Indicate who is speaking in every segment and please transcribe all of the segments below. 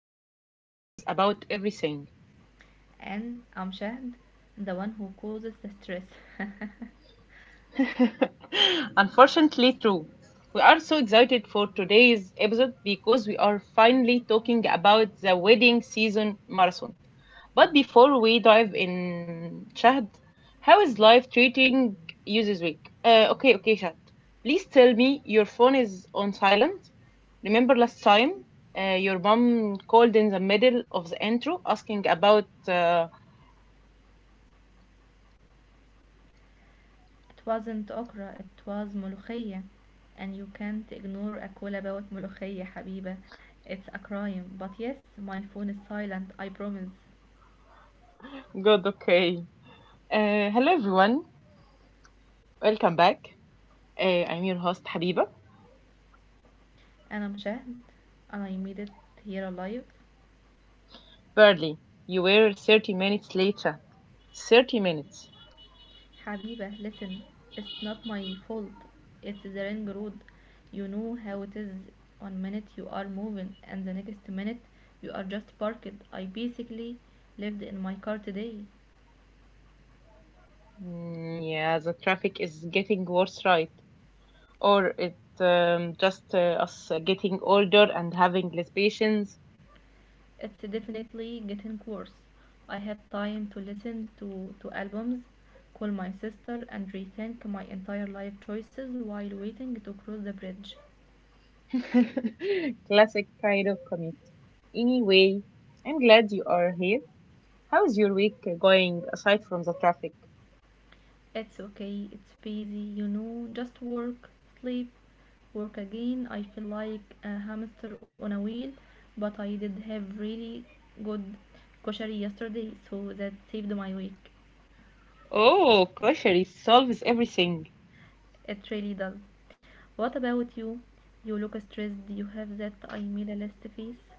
Speaker 1: the one who stresses about everything.
Speaker 2: And I'm Shahd, the one who causes the stress. It
Speaker 1: Unfortunately, true. We are so excited for today's episode because we are finally talking about the wedding season marathon. But before we dive in, Shahd, how is life treating you this week? Okay, okay, Shahd. Please tell me your phone is on silent. Remember last time, your mom called in the middle of the intro asking about.
Speaker 2: wasn't okra, it was ملوخية. And you can't ignore a call about ملوخية حبيبة. It's a crime. But yes, my phone is silent, I promise.
Speaker 1: God, okay. Hello, everyone. Welcome back. I'm your host, Habiba.
Speaker 2: And I'm Shahd, and I made it here alive.
Speaker 1: Barely. You were 30 minutes late. Chad. 30 minutes.
Speaker 2: Habiba, listen, it's not my fault. It's the ring road. You know how it is. One minute you are moving, and the next minute you are just parked. I basically lived in my car today.
Speaker 1: Mm, yeah, the traffic is getting worse, right? Or it just us getting older and having less patience.
Speaker 2: It's definitely getting worse. I had time to listen to albums, call my sister, and rethink my entire life choices while waiting to cross the bridge.
Speaker 1: Classic kind of commit. Anyway, I'm glad you are here. How's your week going aside from the traffic?
Speaker 2: It's okay, it's busy, just work, sleep, work again. I feel like a hamster on a wheel, but I did have really good koshari yesterday, so that saved my week.
Speaker 1: Oh, kosher, it solves everything.
Speaker 2: It really does. What about you? You look stressed, you have that I made a list face.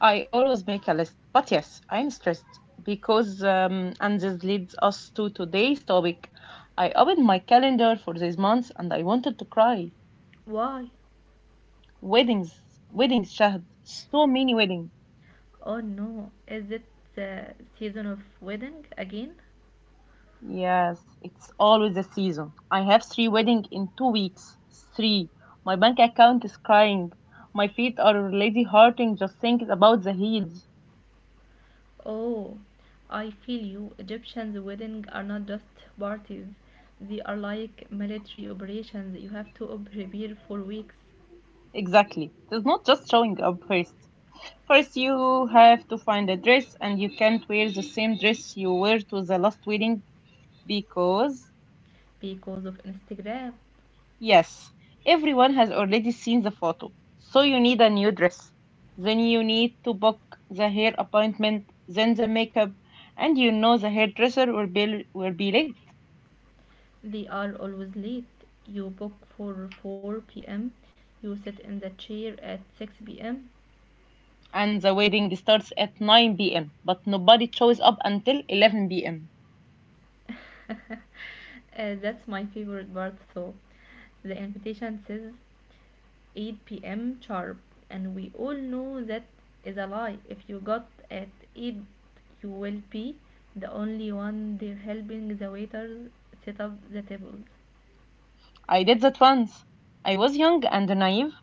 Speaker 1: I always make a list, but yes, I'm stressed because, and this leads us to today's topic. I opened my calendar for this month and I wanted to cry.
Speaker 2: Why?
Speaker 1: Weddings, weddings, Shahd, so many weddings.
Speaker 2: Oh no, is it the season of wedding again?
Speaker 1: Yes, it's always the season. I have three weddings in 2 weeks. Three. My bank account is crying. My feet are already hurting just thinking about the heels.
Speaker 2: Oh, I feel you. Egyptians' weddings are not just parties, they are like military operations. You have to prepare for weeks
Speaker 1: Exactly. It is not just showing up first. First, you have to find a dress, and you can't wear the same dress you wore to the last wedding because,
Speaker 2: because of Instagram.
Speaker 1: yes, everyone has already seen the photo. So, you need a new dress. Then, you need to book the hair appointment, then the makeup, and you know the hairdresser will be late.
Speaker 2: They are always late. You book for 4 p.m., you sit in the chair at 6 p.m.
Speaker 1: And the wedding starts at 9 p.m., but nobody shows up until 11 pm.
Speaker 2: That's my favorite part, though. The invitation says 8 p.m. sharp, and we all know that is a lie. If you got at 8, you will be the only one there helping the waiters set up the tables.
Speaker 1: I did that once. I was young and naive,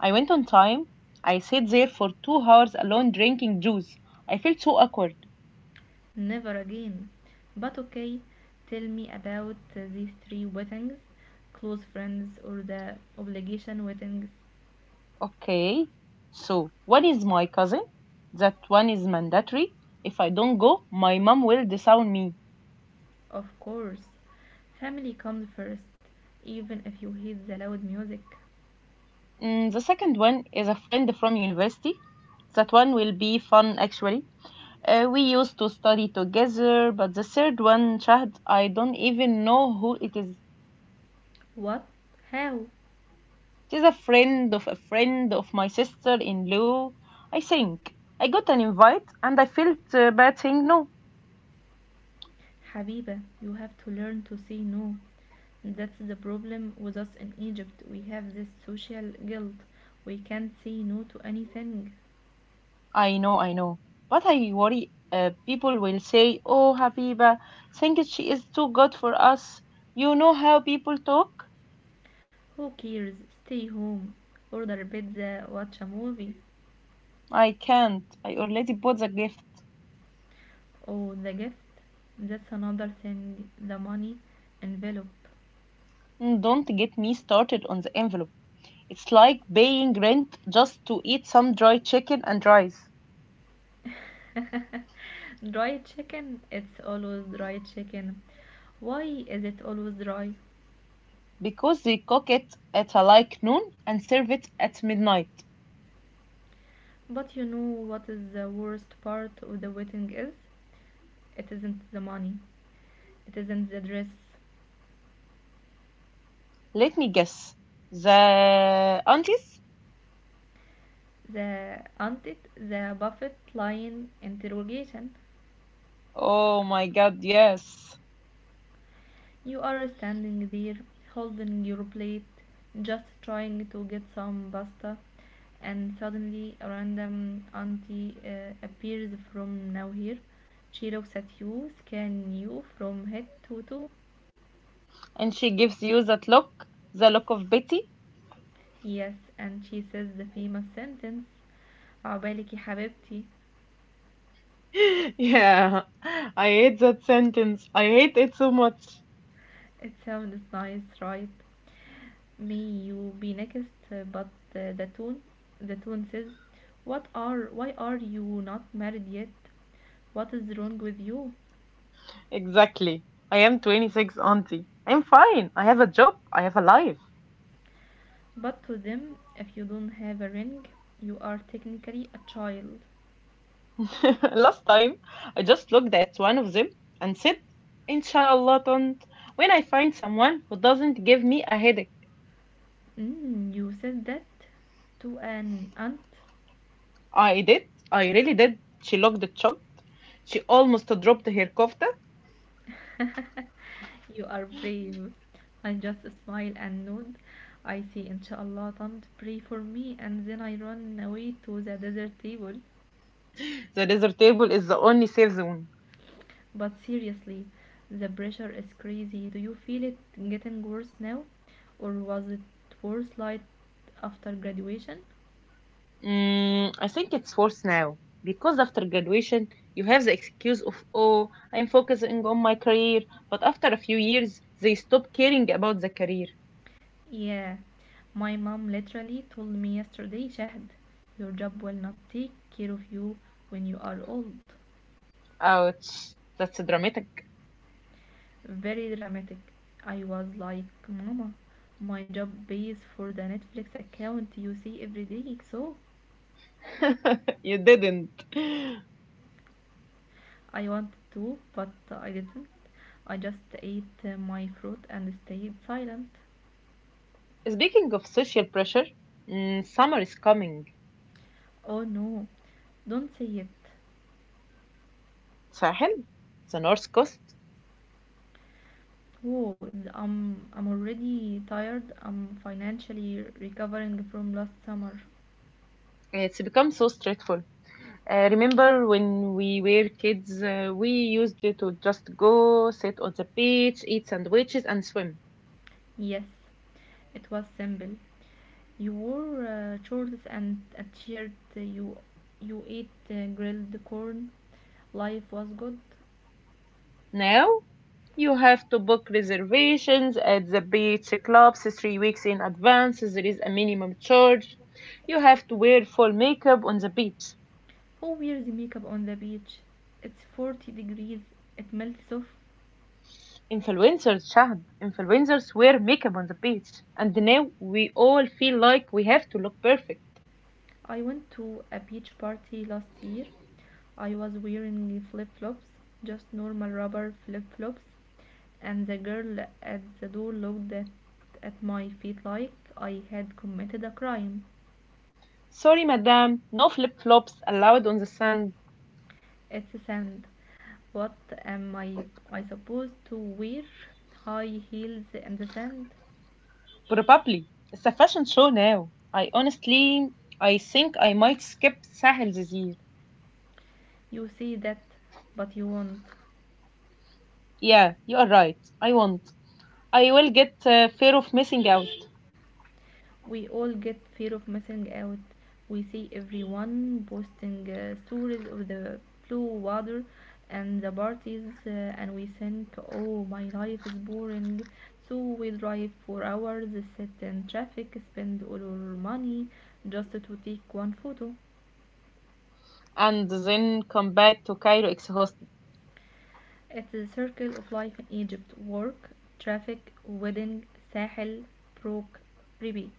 Speaker 1: I went on time. I sat there for 2 hours alone drinking juice. I felt so awkward.
Speaker 2: Never again, but okay, tell me about these three weddings. Close friends or the obligation weddings?
Speaker 1: Okay, so one is my cousin. That one is mandatory. If I don't go, my mom will disown me.
Speaker 2: Of course, family comes first, even if you hate the loud music.
Speaker 1: The second one is a friend from university. That one will be fun actually. We used to study together, but the third one, Shahd, I don't even know who it is.
Speaker 2: What? How?
Speaker 1: She's a friend of my sister in law, I think. I got an invite and I felt bad saying no.
Speaker 2: Habiba, you have to learn to say no. That's the problem with us in Egypt. We have this social guilt. We can't say no to anything.
Speaker 1: I know, I know. But I worry people will say, Oh, Habiba, think she is too good for us. You know how people talk?
Speaker 2: Who cares? Stay home. Order pizza, watch a movie.
Speaker 1: I can't. I already bought the gift.
Speaker 2: Oh, the gift. That's another thing. The money envelope.
Speaker 1: Don't get me started on the envelope. It's like paying rent just to eat some dry chicken and rice
Speaker 2: Dry chicken. It's always dry chicken. Why is it always dry?
Speaker 1: because they cook it at a like noon and serve it at midnight.
Speaker 2: But you know what is the worst part of the wedding is? It isn't the money. It isn't the dress.
Speaker 1: Let me guess. The aunties?
Speaker 2: The haunted, the buffet line interrogation.
Speaker 1: Oh my god, yes.
Speaker 2: You are standing there holding your plate, just trying to get some pasta, and suddenly a random auntie appears from nowhere. She looks at you, scans you from head to toe.
Speaker 1: And she gives you that look, the look of Betty.
Speaker 2: Yes, and she says the famous sentence, عبالك يا حبيبتي.
Speaker 1: Yeah, I hate that sentence. I hate it so much.
Speaker 2: It sounds nice, right? May you be next, but uh, the tune, the tune says, "What are? Why are you not married yet? What is wrong with you?"
Speaker 1: Exactly. I am 26, auntie. I'm fine. I have a job. I have a life.
Speaker 2: But to them, if you don't have a ring, you are technically a child.
Speaker 1: Last time, I just looked at one of them and said, Inshallah, don't. When I find someone who doesn't give me a headache.
Speaker 2: You said that to an aunt.
Speaker 1: I did. I really did. She looked shocked. She almost dropped her kofta.
Speaker 2: You are brave. I just smile and nod. I say, Inshallah, don't pray for me, and then I run away to the desert table.
Speaker 1: The desert table is the only safe zone.
Speaker 2: But seriously, the pressure is crazy. Do you feel it getting worse now? Or was it worse like after graduation?
Speaker 1: I think it's worse now because after graduation, you have the excuse of, oh, I'm focusing on my career. But after a few years, they stop caring about the career.
Speaker 2: Yeah, my mom literally told me yesterday, Shahd, your job will not take care of you when you are old.
Speaker 1: Ouch, that's dramatic.
Speaker 2: Very dramatic. I was like, Mama, my job pays for the Netflix account you see every day, so
Speaker 1: You didn't.
Speaker 2: I wanted to, but I didn't. I just ate my fruit and stayed silent.
Speaker 1: Speaking of social pressure, summer is coming.
Speaker 2: Oh no, don't say it.
Speaker 1: Sahel, the north coast,
Speaker 2: Whoa, I'm already tired. I'm financially recovering from last summer.
Speaker 1: it's become so stressful. Remember when we were kids, we used to just go sit on the beach, eat sandwiches, and swim.
Speaker 2: Yes, it was simple. You wore shorts and a t-shirt. You ate grilled corn. Life was good.
Speaker 1: Now you have to book reservations at the beach clubs 3 weeks in advance. There is a minimum charge. You have to wear full makeup on the beach.
Speaker 2: Who wears makeup on the beach? It's 40 degrees, it melts off.
Speaker 1: Influencers, Shahd, influencers wear makeup on the beach. And now we all feel like we have to look perfect.
Speaker 2: I went to a beach party last year. I was wearing flip flops, just normal rubber flip flops, and the girl at the door looked at my feet like I had committed a crime.
Speaker 1: Sorry, madam, no flip flops allowed on the sand.
Speaker 2: It's sand. What am I supposed to wear? High heels in the sand?
Speaker 1: Probably. It's a fashion show now. I honestly, I think I might skip Sahel this year.
Speaker 2: You see that, but you won't.
Speaker 1: Yeah, you are right. I won't. I will get fear of missing out
Speaker 2: We all get fear of missing out. We see everyone posting stories of the blue water and the parties, and we think, oh, my life is boring, so we drive for hours, sit in traffic, spend all our money just to take one photo.
Speaker 1: and then come back to Cairo exhausted.
Speaker 2: It's a circle of life in Egypt. Work, traffic, wedding, Sahel, broke, repeat.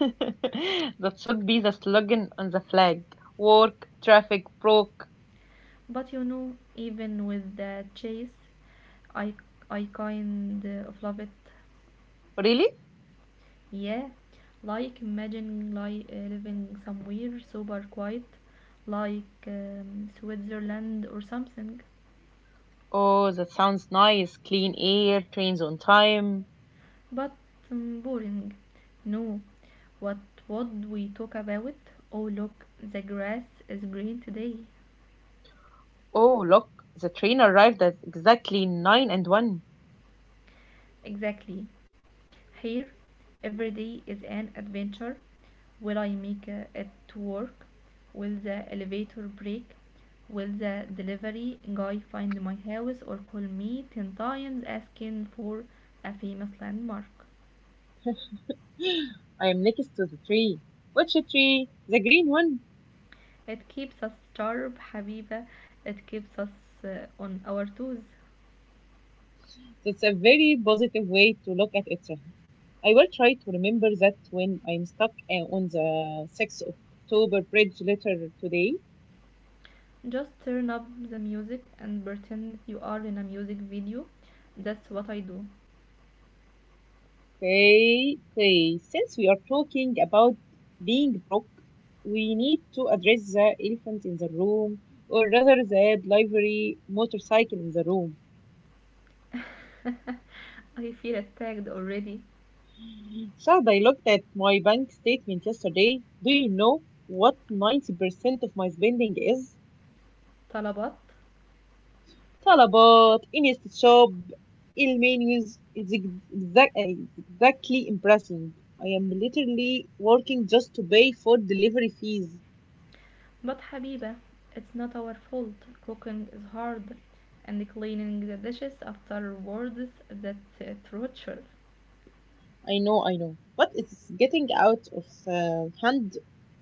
Speaker 1: That should be the slogan on the flag. Work, traffic, broke.
Speaker 2: But you know, even with the chase, I I kind of love it.
Speaker 1: Really?
Speaker 2: Yeah, like imagine living somewhere super quiet, like Switzerland or something,
Speaker 1: Oh, that sounds nice. Clean air, trains on time.
Speaker 2: but boring. No, what would we talk about? Oh, look, the grass is green today.
Speaker 1: Oh, look, the train arrived at exactly 9 and 1.
Speaker 2: Exactly. Here, every day is an adventure. Will I make it to work? Will the elevator break? Will the delivery guy find my house or call me 10 times asking for a famous landmark?
Speaker 1: I am next to the tree. Which tree? The green one.
Speaker 2: It keeps us sharp, Habiba. It keeps us on our toes.
Speaker 1: That's a very positive way to look at it, right? I will try to remember that when I'm stuck on the 6th of October Bridge later today.
Speaker 2: Just turn up the music and pretend you are in a music video. That's what I do.
Speaker 1: Okay, okay. Since we are talking about being broke, we need to address the elephant in the room, or rather the library motorcycle in the room.
Speaker 2: I feel attacked already.
Speaker 1: Shad, I looked at my bank statement yesterday. Do you know what 90% of my spending is?
Speaker 2: طلبات
Speaker 1: Talabat, Insta shop, ill menus. It's exactly impressing. I am literally working just to pay for delivery fees.
Speaker 2: But حبيبة, it's not our fault. Cooking is hard and cleaning the dishes afterwards, that torture.
Speaker 1: I know, I know. But it's getting out of hand.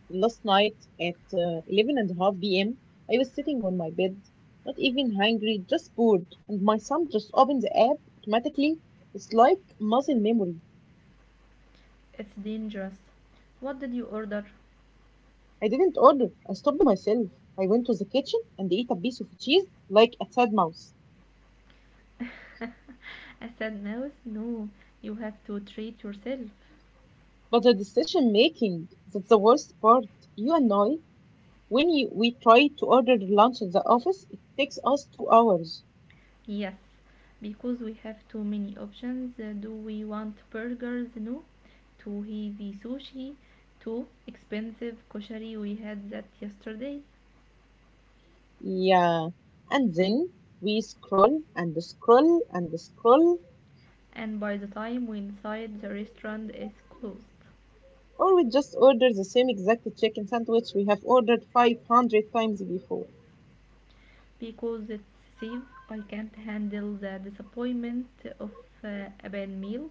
Speaker 1: Last night at 11 and a half p.m., I was sitting on my bed, not even hungry, just bored, and my son just opened the app automatically. It's like muscle memory.
Speaker 2: It's dangerous. What did you order?
Speaker 1: I didn't order, I stopped myself. I went to the kitchen and ate a piece of cheese like a sad mouse.
Speaker 2: I said, Mouse, no, you have to treat yourself.
Speaker 1: But the decision making, that's the worst part. You and I, we try to order lunch at the office, it takes us 2 hours.
Speaker 2: Yes, because we have too many options. Do we want burgers? No. Too heavy sushi. Too expensive koshari. We had that yesterday.
Speaker 1: Yeah. And then we scroll and scroll and scroll,
Speaker 2: And by the time we decide, the restaurant is closed.
Speaker 1: or we just order the same exact chicken sandwich we have ordered 500 times before.
Speaker 2: Because it's safe. I can't handle the disappointment of a bad meal.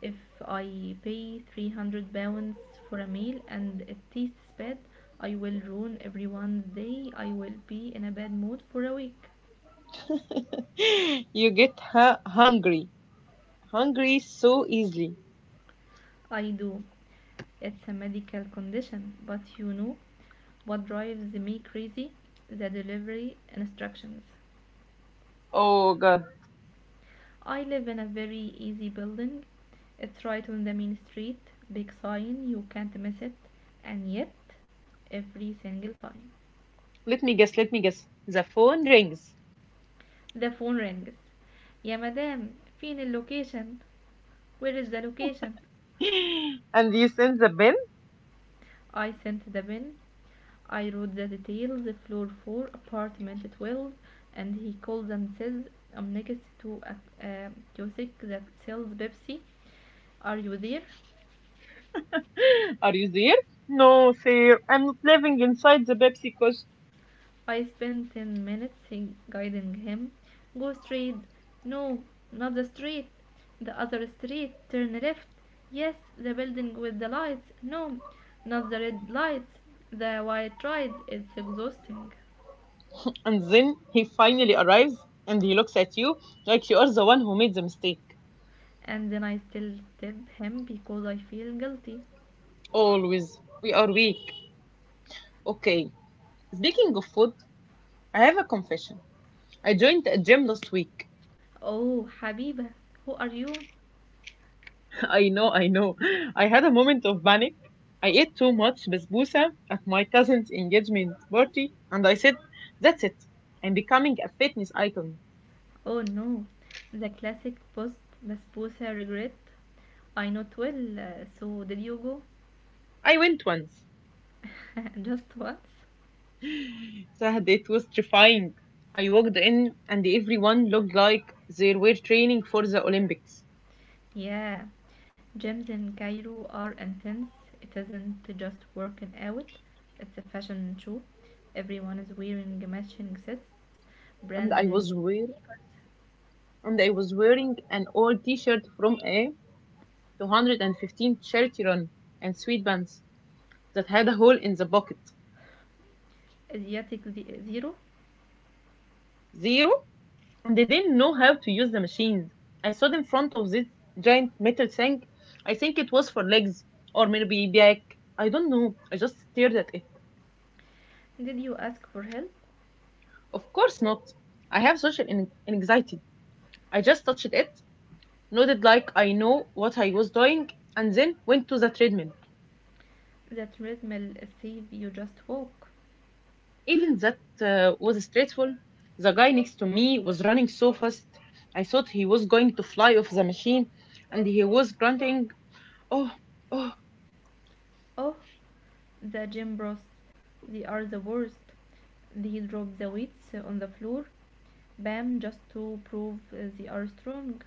Speaker 2: If I pay 300 pounds for a meal and it tastes bad, I will ruin everyone's day. I will be in a bad mood for a week.
Speaker 1: You get hungry, hungry so easily.
Speaker 2: I do. It's a medical condition, but you know what drives me crazy? The delivery instructions.
Speaker 1: Oh God.
Speaker 2: I live in a very easy building. It's right on the main street, big sign, you can't miss it. And yet, every single time,
Speaker 1: Let me guess, let me guess. The phone rings.
Speaker 2: the phone rings. يا مدام فين اللوكيشن. Where is the location?
Speaker 1: And you send the bill.
Speaker 2: I sent the bin. I wrote the details, floor 4, apartment 12, and he calls and says, I'm next to a kiosk that sells Pepsi. Are you there?
Speaker 1: Are you there? No, sir. I'm not living inside the Pepsi.
Speaker 2: I spent 10 minutes guiding him. Go straight. No, not the street. The other street. Turn left. Yes, the building with the lights. No, not the red lights. The white ride. It's exhausting.
Speaker 1: And then he finally arrives and he looks at you like you are the one who made the mistake.
Speaker 2: And then I still tip him because I feel guilty.
Speaker 1: Always. We are weak. Okay. Speaking of food, I have a confession. I joined a gym last week.
Speaker 2: Oh, Habiba, who are you?
Speaker 1: I know, I know. I had a moment of panic. I ate too much basbousa at my cousin's engagement party and I said, that's it. I'm becoming a fitness icon.
Speaker 2: Oh no, the classic post basbousa regret. I not well, so did you go?
Speaker 1: I went once.
Speaker 2: Just once?
Speaker 1: Sahad, it was terrifying. I walked in and everyone looked like they were training for the Olympics.
Speaker 2: Yeah, gyms in Cairo are intense. It isn't just working out, it's a fashion show. Everyone is wearing matching sets,
Speaker 1: and
Speaker 2: brand
Speaker 1: I
Speaker 2: new
Speaker 1: was wear
Speaker 2: sneakers.
Speaker 1: and I was wearing an old T-shirt from a 215 charity run and sweatpants that had a hole in the pocket.
Speaker 2: Asiatic Zero.
Speaker 1: Zero, and they didn't know how to use the machines. I stood in front of this giant metal thing. I think it was for legs or maybe back. I don't know. I just stared at it.
Speaker 2: Did you ask for help?
Speaker 1: Of course not. I have social anxiety. I just touched it, nodded like I know what I was doing, and then went to the treadmill.
Speaker 2: That treadmill says you just walk.
Speaker 1: Even that was stressful. The guy next to me was running so fast, I thought he was going to fly off the machine, and he was grunting, Oh, oh,
Speaker 2: Oh, the gym bros, they are the worst. They drop the weights on the floor, bam, just to prove they are strong.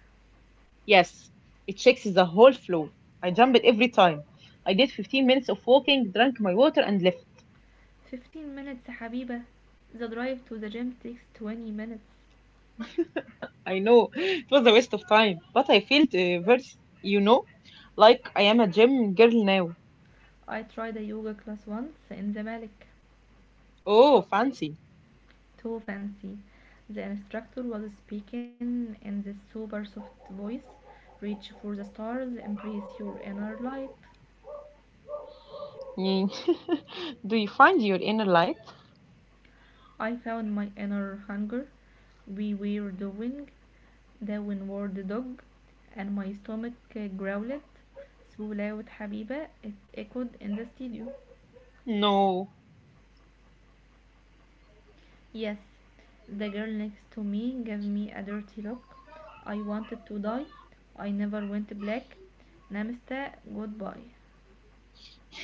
Speaker 1: yes, it shakes the whole floor. I jumped every time. I did 15 minutes of walking, drank my water, and left.
Speaker 2: 15 minutes يا حبيبة. The drive to the gym takes 20 minutes.
Speaker 1: I know it was a waste of time, but I felt very, you know, like I am a gym girl now.
Speaker 2: I tried a yoga class once in the Zamalek.
Speaker 1: Oh, fancy.
Speaker 2: Too fancy. The instructor was speaking in this super soft voice. Reach for the stars, embrace your inner light.
Speaker 1: Mm. Do you find your inner light?
Speaker 2: I found my inner hunger. We were doing the windward dog and my stomach growled so loud, Habiba. It echoed in the studio.
Speaker 1: No.
Speaker 2: Yes, the girl next to me gave me a dirty look. I wanted to die. I never went black. Namaste, goodbye.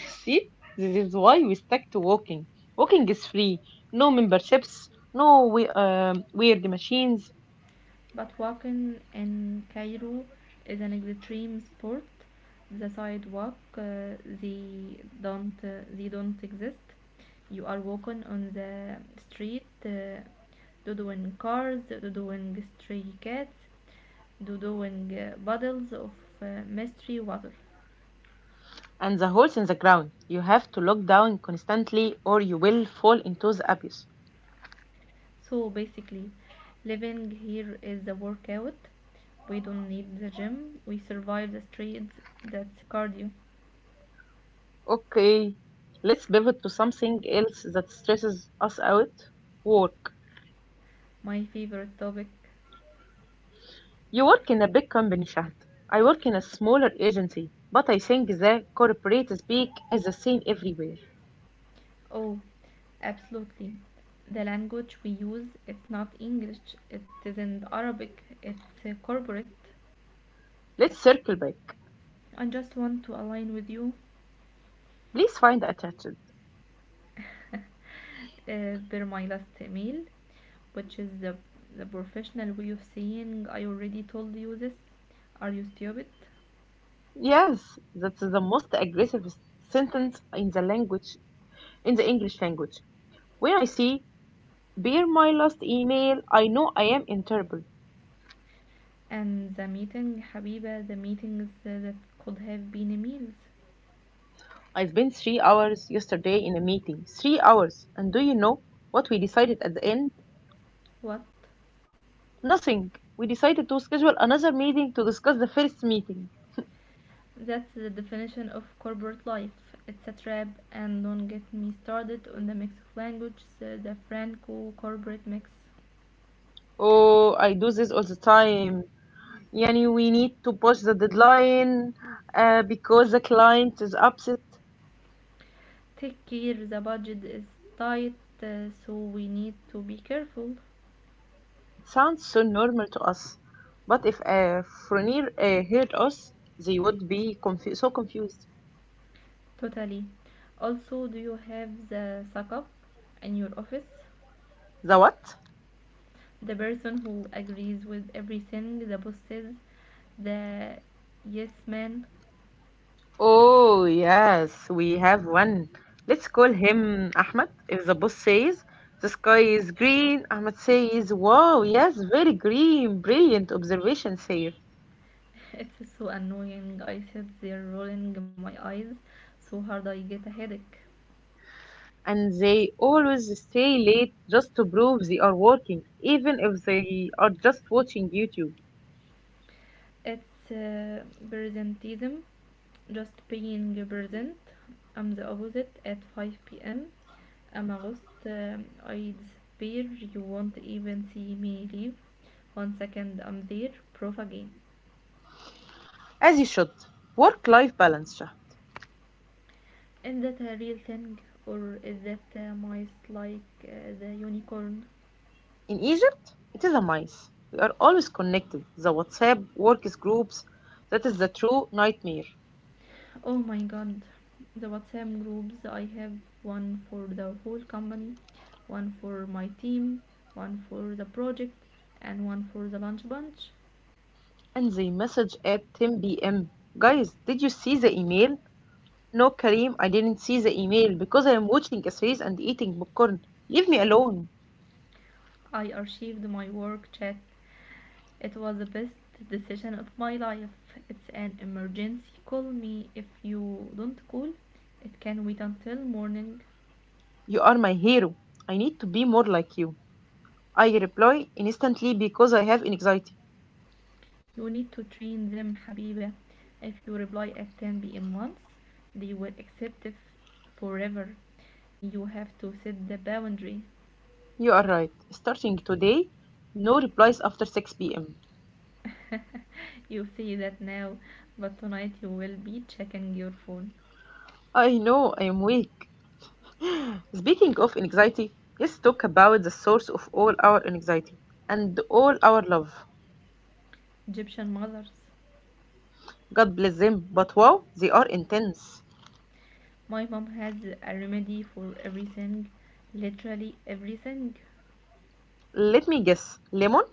Speaker 1: See, this is why we stick to walking. Walking is free, no memberships, no weird machines,
Speaker 2: But walking in Cairo is an extreme sport. The sidewalk, they don't exist. You are walking on the street, doing cars, doing stray cats, doing bottles of mystery water.
Speaker 1: and the holes in the ground. You have to look down constantly or you will fall into the abyss.
Speaker 2: So basically, living here is a workout. We don't need the gym. We survive the streets. That's cardio.
Speaker 1: Okay, let's pivot to something else that stresses us out, work.
Speaker 2: My favorite topic.
Speaker 1: You work in a big company, Shahd. I work in a smaller agency, but I think the corporate speak is the same everywhere.
Speaker 2: Oh, absolutely. The language we use, it's not English, it isn't Arabic, it's corporate.
Speaker 1: Let's circle back.
Speaker 2: I just want to align with you.
Speaker 1: Please find attached.
Speaker 2: uh, Per my last email, which is the professional way of saying I already told you this. Are you stupid?
Speaker 1: Yes, that's the most aggressive sentence in the English language. When I see, bear my last email, I know I am in trouble.
Speaker 2: And the meeting, حبيبة, the meetings that could have been meals.
Speaker 1: I spent 3 hours yesterday in a meeting. 3 hours. And do you know what we decided at the end?
Speaker 2: What?
Speaker 1: Nothing. We decided to schedule another meeting to discuss the first meeting.
Speaker 2: That's the definition of corporate life. It's a trap, and don't get me started on the mix of languages, the Franco corporate mix.
Speaker 1: Oh, I do this all the time. Yani, we need to push the deadline because the client is upset.
Speaker 2: Take care, the budget is tight, so we need to be careful.
Speaker 1: It sounds so normal to us, but if Fronir heard us, they would be so confused.
Speaker 2: Totally. Also, do you have the suck up in your office?
Speaker 1: The what?
Speaker 2: The person who agrees with everything the boss says, the yes man.
Speaker 1: Oh, yes, we have one. Let's call him Ahmed. If the boss says the sky is green, Ahmed says, Wow, yes, very green, brilliant observation, sir.
Speaker 2: It's so annoying. I sit there rolling my eyes so hard I get a headache.
Speaker 1: And they always stay late just to prove they are working, even if they are just watching YouTube.
Speaker 2: It's presentism, just being present. I'm the opposite at 5 pm. I'm a ghost. I disappear. You won't even see me leave. One second I'm there, proof again.
Speaker 1: As you should. Work life balance, Shah.
Speaker 2: Is that a real thing or is that mice like the unicorn?
Speaker 1: In Egypt, it is a mice. We are always connected. The WhatsApp works groups, that is the true nightmare.
Speaker 2: Oh my god, the WhatsApp groups I have one for the whole company, one for my team, one for the project, and one for the lunch bunch.
Speaker 1: And they message at 10 p.m. Guys, did you see the email? No, Karim, I didn't see the email because I am watching a series and eating popcorn. Leave me alone.
Speaker 2: I archived my work chat. It was the best decision of my life. It's an emergency. Call me if you don't call. It can wait until morning.
Speaker 1: You are my hero. I need to be more like you. I reply instantly because I have anxiety.
Speaker 2: You need to train them حبيبة. If you reply at 10 p.m. once, they will accept it forever. You have to set the boundary.
Speaker 1: You are right. Starting today, no replies after 6 p.m.
Speaker 2: You say that now, but tonight you will be checking your phone.
Speaker 1: I know I am weak. Speaking of anxiety, let's talk about the source of all our anxiety and all our love.
Speaker 2: Egyptian mothers.
Speaker 1: God bless them, but wow, they are intense.
Speaker 2: My mom has a remedy for everything, literally everything.
Speaker 1: Let me guess, lemon?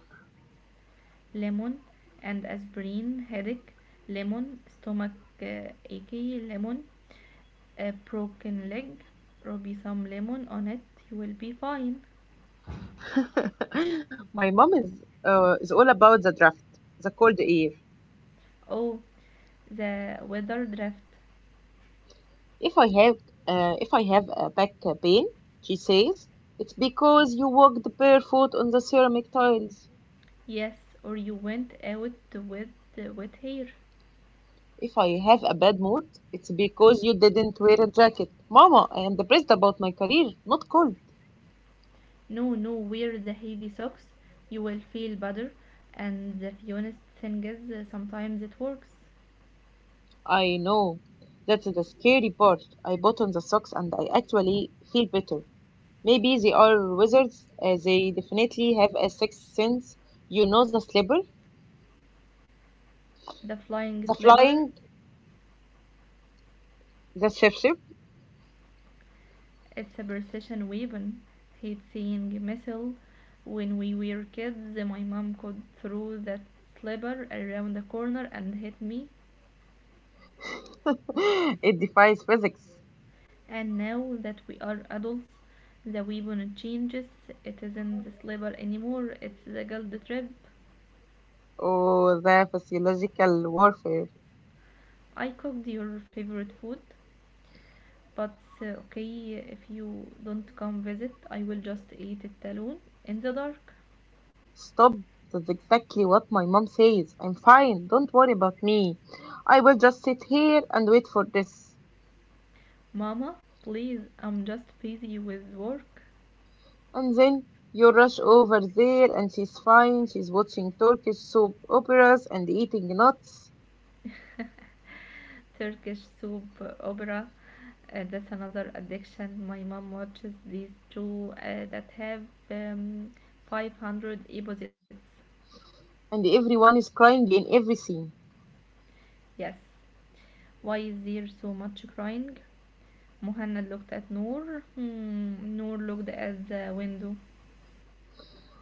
Speaker 2: Lemon and aspirin headache, lemon stomach ache, lemon a broken leg, rub some lemon on it, you will be fine.
Speaker 1: My mom is all about the draft, the cold air.
Speaker 2: Oh, the weather draft.
Speaker 1: If I have if I have a back pain, she says, it's because you walked barefoot on the ceramic tiles.
Speaker 2: Yes, or you went out with the wet hair.
Speaker 1: If I have a bad mood, it's because you didn't wear a jacket. Mama, I am depressed about my career, not cold.
Speaker 2: No, no, wear the heavy socks. You will feel better. And the funniest thing is, sometimes it works.
Speaker 1: I know. That's the scary part. I bought on the socks and I actually feel better. Maybe they are wizards. They definitely have a sixth sense. You know the slipper,
Speaker 2: The flying
Speaker 1: the
Speaker 2: slipper.
Speaker 1: flying, the ship.
Speaker 2: It's a precision weapon. Hate seeing missile. When we were kids, my mom could throw that slipper around the corner and hit me.
Speaker 1: It defies physics.
Speaker 2: And now that we are adults, the weapon changes. It isn't the slipper anymore, it's the guilt trip.
Speaker 1: Oh, the physiological warfare.
Speaker 2: I cooked your favorite food, but okay, if you don't come visit, I will just eat it alone in the dark.
Speaker 1: Stop. That's exactly what my mom says. I'm fine. Don't worry about me. I will just sit here and wait for this.
Speaker 2: Mama, please, I'm just busy with work.
Speaker 1: And then you rush over there, and she's fine. She's watching Turkish soap operas and eating nuts,
Speaker 2: Turkish soap opera. That's another addiction. My mom watches these two that have um, 500 episodes.
Speaker 1: and everyone is crying in every scene.
Speaker 2: Yes. Why is there so much crying? Muhanna looked at Noor. Hmm, Noor looked at the window.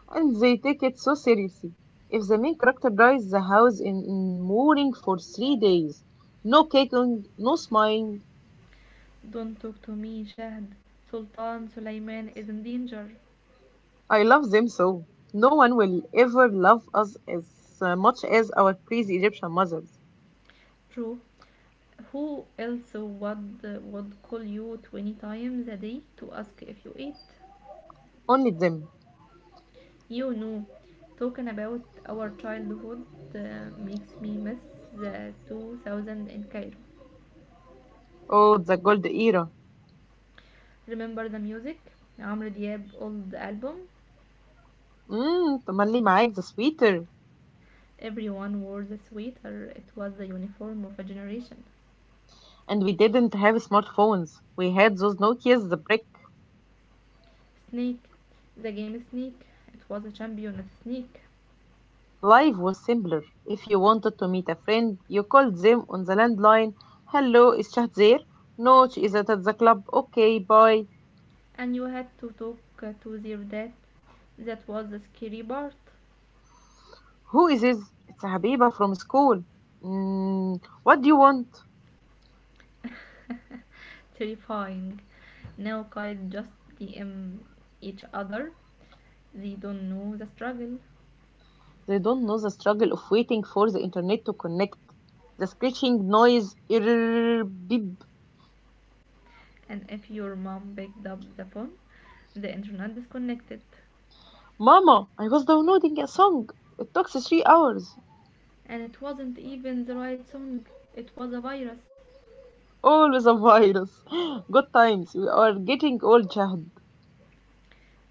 Speaker 1: And they take it so seriously. If the main character dies, the house in mourning for 3 days. No caking, no smiling.
Speaker 2: Don't talk to me, Jahd. Sultan Sulaiman is in danger.
Speaker 1: I love them so. No one will ever love us as much as our crazy Egyptian mothers.
Speaker 2: True. Who else would call you 20 times a day to ask if you ate?
Speaker 1: Only them.
Speaker 2: You know, talking about our childhood makes me miss the 2000 in Cairo.
Speaker 1: Oh, the gold era.
Speaker 2: Remember the music? Amr Diab old album?
Speaker 1: Mmm, تملي معاك the sweeter.
Speaker 2: Everyone wore the sweater. It was the uniform of a generation.
Speaker 1: And we didn't have smartphones. We had those Nokias the brick.
Speaker 2: Snake, the game Snake. It was a champion of Snake.
Speaker 1: Life was simpler. If you wanted to meet a friend, you called them on the landline. Hello, is Shah there? No, she is at the club. Okay, bye.
Speaker 2: And you had to talk to their dad. That was the scary part.
Speaker 1: Who is this? It's a Habiba from school. Mm, what do you want?
Speaker 2: Terrifying. Now kids just DM each other. They don't know the struggle.
Speaker 1: They don't know the struggle of waiting for the internet to connect. The screeching noise. Irr, beep.
Speaker 2: And if your mom picked up the phone, the internet disconnected.
Speaker 1: Mama, I was downloading a song. It took 3 hours.
Speaker 2: And it wasn't even the right song, it was a virus.
Speaker 1: Always a virus. Good times. We are getting old, Jahd.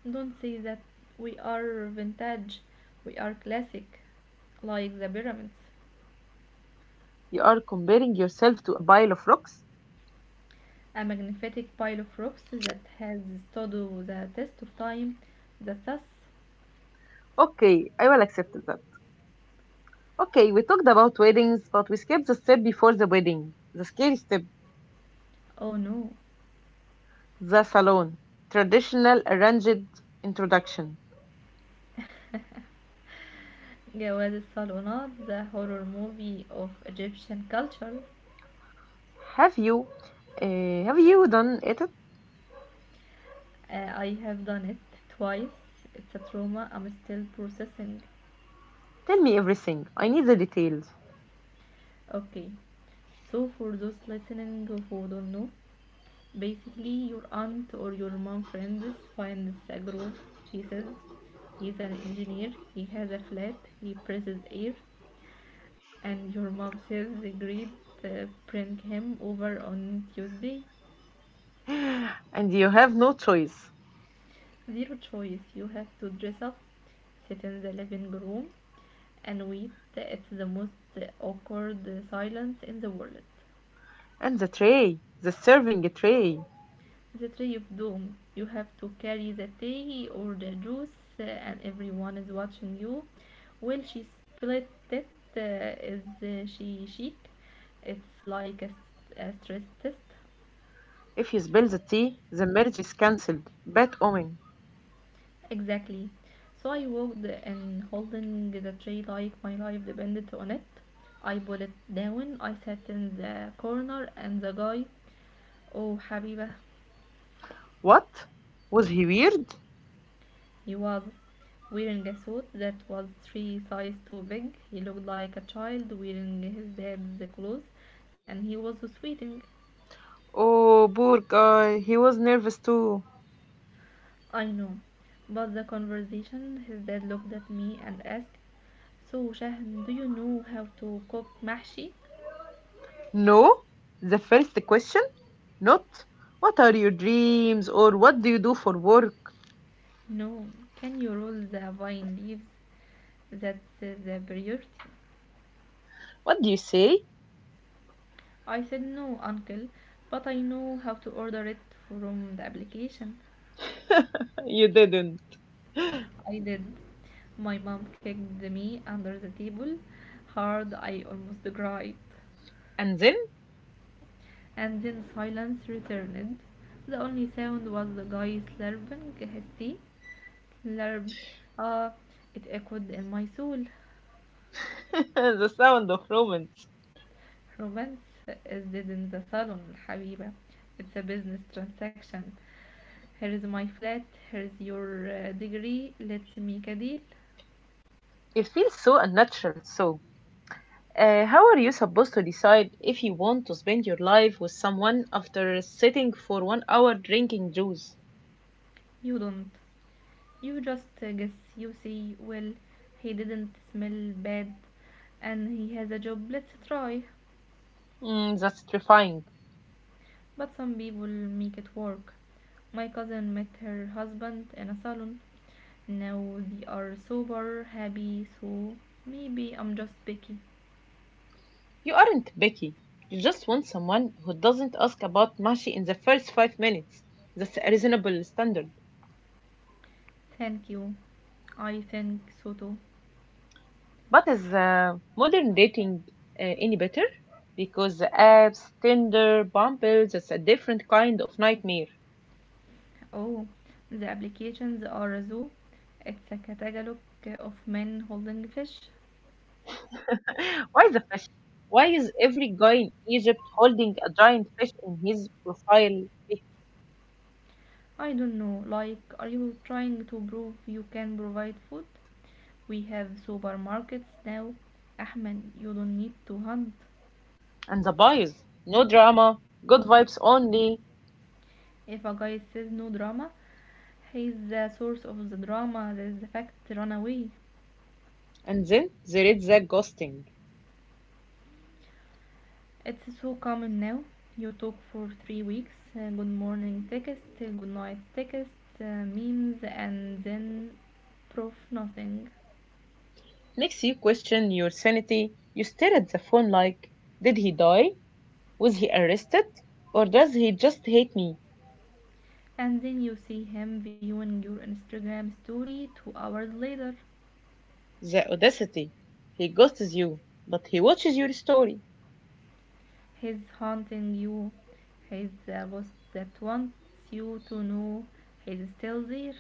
Speaker 2: Don't say that, we are vintage, we are classic, like the pyramids.
Speaker 1: You are comparing yourself to a pile of rocks?
Speaker 2: A magnificent pile of rocks that has stood the test of time, that's us.
Speaker 1: Okay, I will accept that. Okay, we talked about weddings, but we skipped the step before the wedding. The scary step.
Speaker 2: Oh no.
Speaker 1: The salon. Traditional arranged introduction.
Speaker 2: جواز الصالونات. The horror movie of Egyptian culture.
Speaker 1: Have you, uh, have you done it?
Speaker 2: I have done it twice. It's a trauma I'm still processing.
Speaker 1: Tell me everything. I need the details.
Speaker 2: Okay, so for those listening who don't know, basically your aunt or your mom friends finds a group. She says, he's an engineer, he has a flat, he presses air, and your mom says, agreed. Prank him over on Tuesday.
Speaker 1: And you have no choice.
Speaker 2: Zero choice. You have to dress up, sit in the living room, and wait. It's the most awkward silence in the world.
Speaker 1: And the tray. The serving tray.
Speaker 2: The tray of doom. You have to carry the tea or the juice, and everyone is watching you. Well, she split it. Is she chic? It's like a stress test.
Speaker 1: If he spills the tea, the marriage is cancelled. Bad omen.
Speaker 2: Exactly. So I walked and holding the tree like my life depended on it. I put it down, I sat in the corner, and the guy, oh Habiba,
Speaker 1: What? Was he weird?
Speaker 2: he was wearing a suit that was three size too big. He looked like a child wearing his dad's clothes, and he was sweating.
Speaker 1: Oh, poor guy. He was nervous too.
Speaker 2: I know. But the conversation, his dad looked at me and asked, so, Shahan, do you know how to cook mahshi?
Speaker 1: No? The first question? Not, what are your dreams or what do you do for work?
Speaker 2: No, can you roll the vine leaves? That's the priority.
Speaker 1: What do you say?
Speaker 2: I said no, uncle, but I know how to order it from the application.
Speaker 1: You didn't.
Speaker 2: I did. My mom kicked me under the table hard, I almost cried.
Speaker 1: And then
Speaker 2: And then silence returned. The only sound was the guy slurping his tea. Slurp. Ah, it echoed in my soul.
Speaker 1: the sound of romance.
Speaker 2: Romance is dead in the salon حبيبة. It's a business transaction. Here's my flat. Here's your degree. Let's make a deal.
Speaker 1: It feels so unnatural. So, how are you supposed to decide if you want to spend your life with someone after sitting for 1 hour drinking juice?
Speaker 2: You don't. You just guess. You say, well, he didn't smell bad and he has a job. Let's try.
Speaker 1: Mm, that's terrifying.
Speaker 2: But some people make it work. My cousin met her husband in a salon. Now they are sober. Happy. So maybe I'm just picky.
Speaker 1: You aren't Becky. You just want someone who doesn't ask about Mashi in the first 5 minutes. That's a reasonable standard.
Speaker 2: Thank you. I think so too.
Speaker 1: But is modern dating any better? Because the apps, Tinder, Bumble, that's a different kind of nightmare.
Speaker 2: Oh, the applications are a zoo. It's a catalog of men holding fish.
Speaker 1: Why the fish? Why is every guy in Egypt holding a giant fish in his profile picture?
Speaker 2: I don't know, like, are you trying to prove you can provide food? We have supermarkets now. Ahmed, you don't need to hunt.
Speaker 1: And the bios, no drama, good vibes only.
Speaker 2: If a guy says no drama, he's the source of the drama. That's the fact. Run away.
Speaker 1: And then there is the ghosting.
Speaker 2: It's so common now. You talk for 3 weeks, good morning text, good night text, memes, and then proof nothing.
Speaker 1: Next, you question your sanity. You stare at the phone like, did he die? Was he arrested? Or does he just hate me?
Speaker 2: And then you see him viewing your Instagram story 2 hours later.
Speaker 1: The audacity. He ghosts you, but he watches your story.
Speaker 2: He's haunting you. He's the boss that wants you to know he's still there.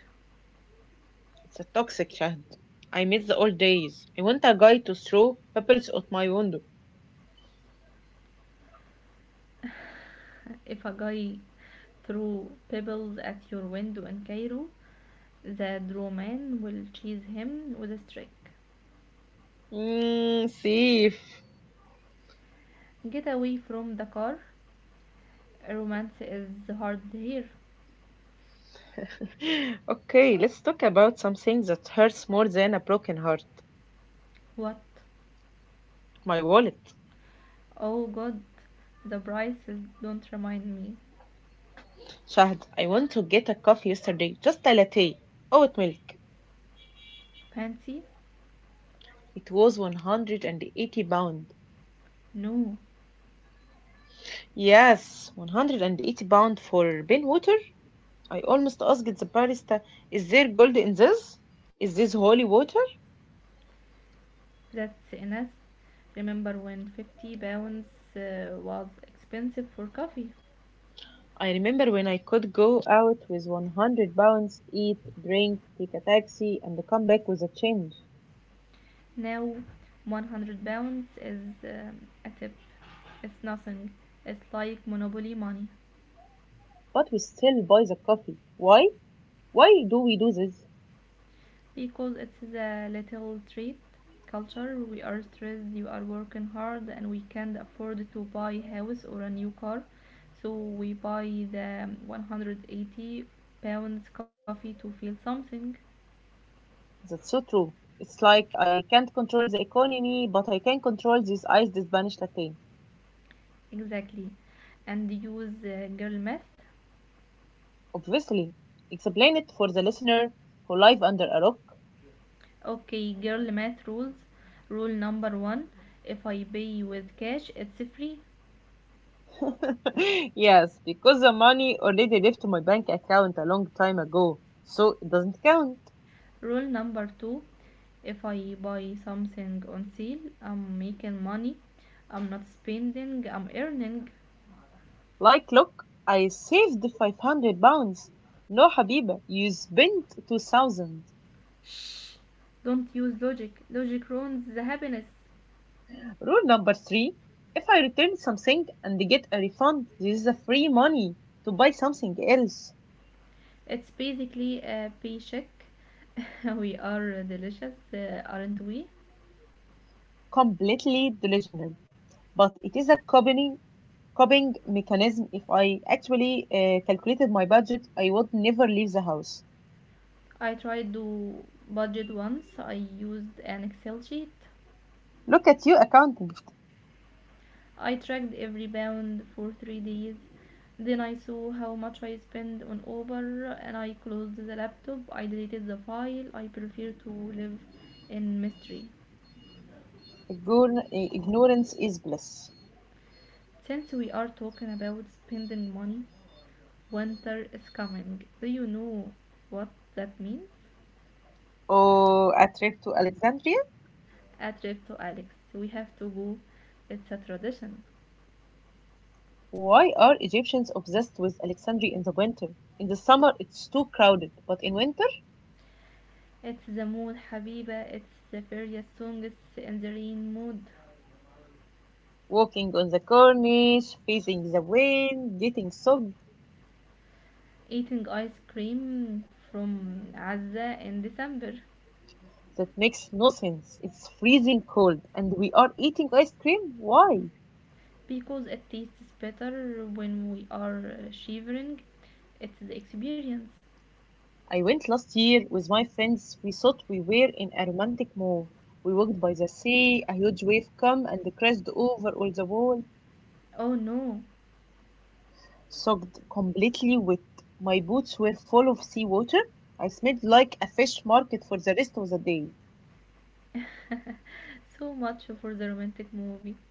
Speaker 1: It's a toxic Shahd. I miss the old days. I want a guy to throw pebbles out my window.
Speaker 2: If a guy threw pebbles at your window in Cairo, the doorman will chase him with a stick.
Speaker 1: Mmm, thief.
Speaker 2: Get away from the car. Romance is hard here.
Speaker 1: Okay, let's talk about something that hurts more than a broken heart.
Speaker 2: What?
Speaker 1: My wallet.
Speaker 2: Oh god, the prices don't remind me.
Speaker 1: Shahd, I want to get a coffee yesterday, just a latte. Oat milk.
Speaker 2: Fancy?
Speaker 1: It was 180 pounds.
Speaker 2: No,
Speaker 1: Yes, 180 pounds for Ben water. I almost asked the barista, is there gold in this? Is this holy water?
Speaker 2: that's enough. Remember when 50 pounds was expensive for coffee?
Speaker 1: I remember when I could go out with 100 pounds, eat, drink, take a taxi, and come back with a change.
Speaker 2: Now 100 pounds is a tip. It's nothing. It's like monopoly money.
Speaker 1: But we still buy the coffee. Why? Why do we do this?
Speaker 2: Because it is a little treat culture, we are stressed, you are working hard, and we can't afford to buy a house or a new car, so we buy the 180 pounds coffee to feel something.
Speaker 1: That's so true. It's like I can't control the economy, but I can control this iced Spanish latte.
Speaker 2: Exactly. And use girl math.
Speaker 1: Obviously, explain it for the listener who live under a rock.
Speaker 2: Okay, girl math rules. Rule number one, if I pay with cash it's free.
Speaker 1: Yes, because the money already left my bank account a long time ago, so it doesn't count.
Speaker 2: Rule number two, if I buy something on sale, I'm making money. I'm not spending, I'm earning.
Speaker 1: Like, look, I saved 500 pounds. No, Habiba, you spent 2000.
Speaker 2: Shh. Don't use logic. Logic ruins the happiness.
Speaker 1: Rule number three, if I return something and get a refund, this is a free money to buy something else.
Speaker 2: It's basically a paycheck. We are delicious, aren't we?
Speaker 1: Completely delusional, but it is a company coping mechanism if I actually calculated my budget, I would never leave the house.
Speaker 2: I tried to budget once. I used an Excel sheet.
Speaker 1: Look at you, accountant.
Speaker 2: I tracked every pound for 3 days. Then I saw how much I spent on Uber and I closed the laptop. I deleted the file. I prefer to live in mystery.
Speaker 1: Ignorance is bliss.
Speaker 2: Since we are talking about spending money, winter is coming. Do you know what that means?
Speaker 1: Oh, a trip to Alexandria?
Speaker 2: A trip to Alex. We have to go. It's a tradition.
Speaker 1: Why are Egyptians obsessed with Alexandria in the winter? In the summer, it's too crowded, but in winter,
Speaker 2: It's the mood, Habiba. It's the various songs in the rain mood.
Speaker 1: walking on the corniche, facing the wind, getting soaked,
Speaker 2: Eating ice cream from Gaza in December
Speaker 1: that makes no sense. It's freezing cold, and we are eating ice cream? Why?
Speaker 2: because it tastes better when we are shivering. It's the experience.
Speaker 1: I went last year with my friends. We thought we were in a romantic move. We walked by the sea, a huge wave came and crashed over all the wall,
Speaker 2: Oh no!
Speaker 1: soaked completely wet. My boots were full of seawater. I smelled like a fish market for the rest of the day.
Speaker 2: So much for the romantic movie.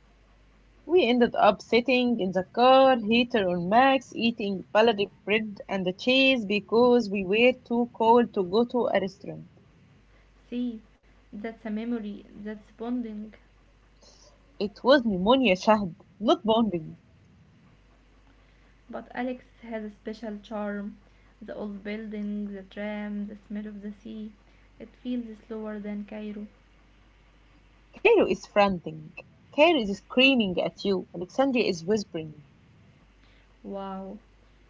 Speaker 1: We ended up sitting in the car, heater on max, eating baladi bread and cheese because we were too cold to go to a restaurant.
Speaker 2: See, that's a memory, that's bonding.
Speaker 1: It was pneumonia, Shahd, not bombing.
Speaker 2: But Alex has a special charm. The old building, the tram, the smell of the sea. It feels slower than Cairo.
Speaker 1: Cairo is frantic. Cairo is screaming at you. Alexandria is whispering,
Speaker 2: Wow,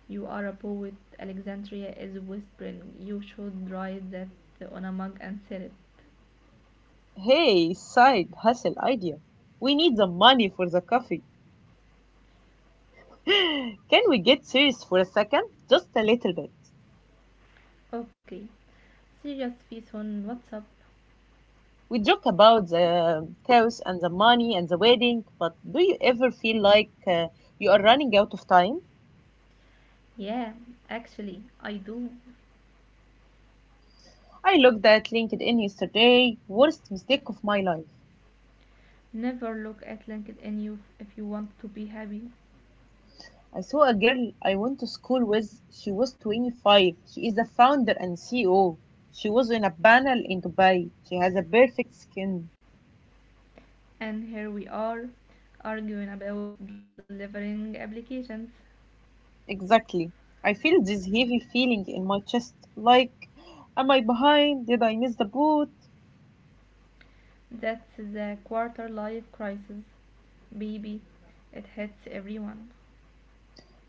Speaker 2: you are a poet. Alexandria is whispering. You should write that on a mug and sell it.
Speaker 1: hey, side hustle idea. We need the money for the coffee. Can we get serious for a second? Just a little bit.
Speaker 2: Okay. Serious face on WhatsApp.
Speaker 1: We joke about the chaos and the money and the wedding, but do you ever feel like you are running out of time?
Speaker 2: Yeah, actually, I do.
Speaker 1: I looked at LinkedIn yesterday, worst mistake of my life.
Speaker 2: Never look at LinkedIn you if you want to be happy.
Speaker 1: I saw a girl I went to school with. She was 25. She is the founder and CEO. She was in a panel in Dubai. She has a perfect skin.
Speaker 2: And here we are, arguing about delivering applications.
Speaker 1: Exactly. I feel this heavy feeling in my chest like, am I behind? Did I miss the boat?
Speaker 2: That's the quarter life crisis. Baby, it hits everyone.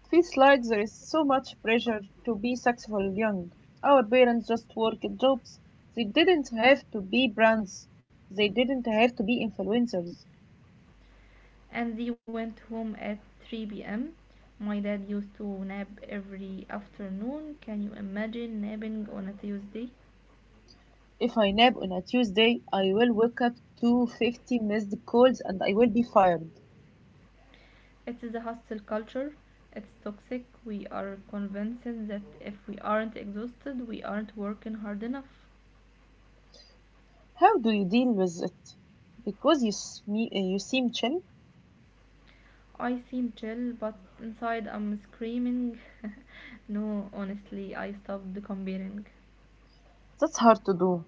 Speaker 1: It feels like there is so much pressure to be successful young. Our parents just worked jobs. They didn't have to be brands. They didn't have to be influencers.
Speaker 2: And they went home at 3 p.m. My dad used to nap every afternoon. Can you imagine napping on a Tuesday?
Speaker 1: If I nap on a Tuesday, I will wake up to 50 missed calls and I will be fired.
Speaker 2: It is a hostile culture. It's toxic. We are convinced that if we aren't exhausted, we aren't working hard enough.
Speaker 1: How do you deal with it? Because you seem chill,
Speaker 2: I seem chill, but inside I'm screaming. No, honestly, I stopped comparing.
Speaker 1: that's hard to do.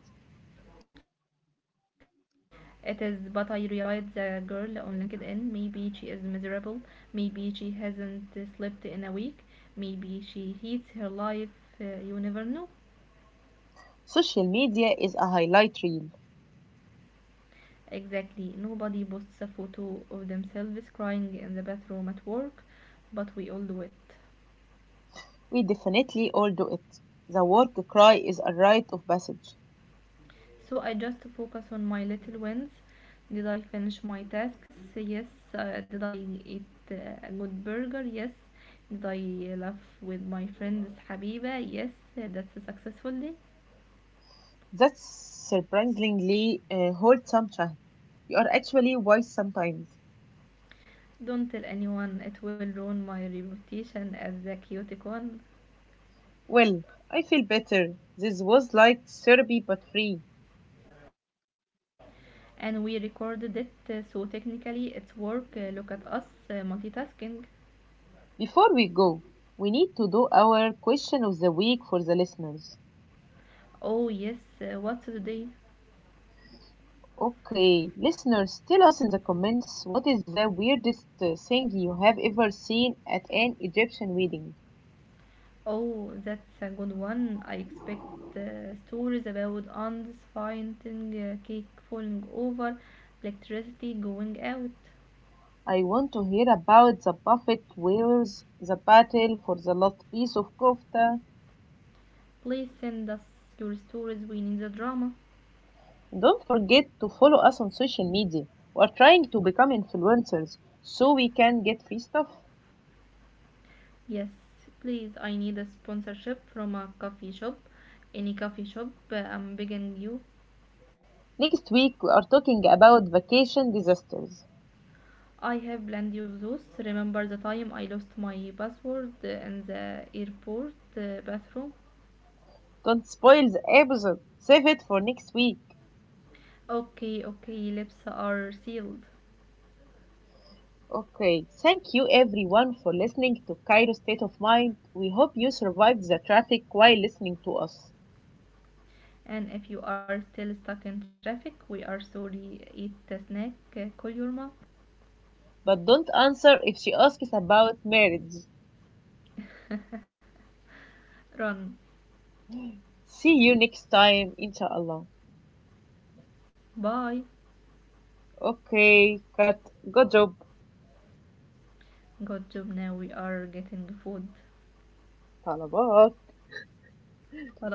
Speaker 2: It is, but I realized the girl on LinkedIn. Maybe she is miserable. Maybe she hasn't slept in a week. Maybe she hates her life. You never know.
Speaker 1: Social media is a highlight reel.
Speaker 2: Exactly. Nobody posts a photo of themselves crying in the bathroom at work, but we all do it.
Speaker 1: We definitely all do it. The work cry is a rite of passage.
Speaker 2: So I just focus on my little wins. Did I finish my tasks? Yes. Did I eat a good burger? Yes. Did I laugh with my friends, Habiba? Yes. That's a successful day.
Speaker 1: That's surprisingly wholesome, Shahd. You are actually wise sometimes.
Speaker 2: Don't tell anyone, it will ruin my reputation as the chaotic one.
Speaker 1: Well, I feel better. This was like therapy but free.
Speaker 2: And we recorded it, so technically it's work. Look at us, multitasking.
Speaker 1: Before we go, we need to do our question of the week for the listeners.
Speaker 2: Oh, yes, what's the day?
Speaker 1: Okay, listeners, tell us in the comments what is the weirdest thing you have ever seen at an Egyptian wedding.
Speaker 2: Oh, that's a good one. I expect stories about ants finding a cake falling over, electricity going out.
Speaker 1: I want to hear about the buffet wears, the battle for the last piece of kofta.
Speaker 2: Please send us your stories. We need the drama.
Speaker 1: Don't forget to follow us on social media. We are trying to become influencers so we can get free stuff.
Speaker 2: Yes, please. I need a sponsorship from a coffee shop. Any coffee shop, I'm begging you.
Speaker 1: Next week, we are talking about vacation disasters.
Speaker 2: I have plenty of those. Remember the time I lost my password in the airport bathroom?
Speaker 1: Don't spoil the episode. Save it for next week.
Speaker 2: Okay, okay, lips are sealed.
Speaker 1: Okay, thank you everyone for listening to Cairo State of Mind. We hope you survived the traffic while listening to us.
Speaker 2: And if you are still stuck in traffic, we are sorry. Eat the snack. Call your mom.
Speaker 1: But don't answer if she asks about marriage.
Speaker 2: Run.
Speaker 1: See you next time, inshallah.
Speaker 2: Bye.
Speaker 1: Okay, cut. Good job.
Speaker 2: Good job. Now we are getting food.
Speaker 1: طلبات
Speaker 2: طلبات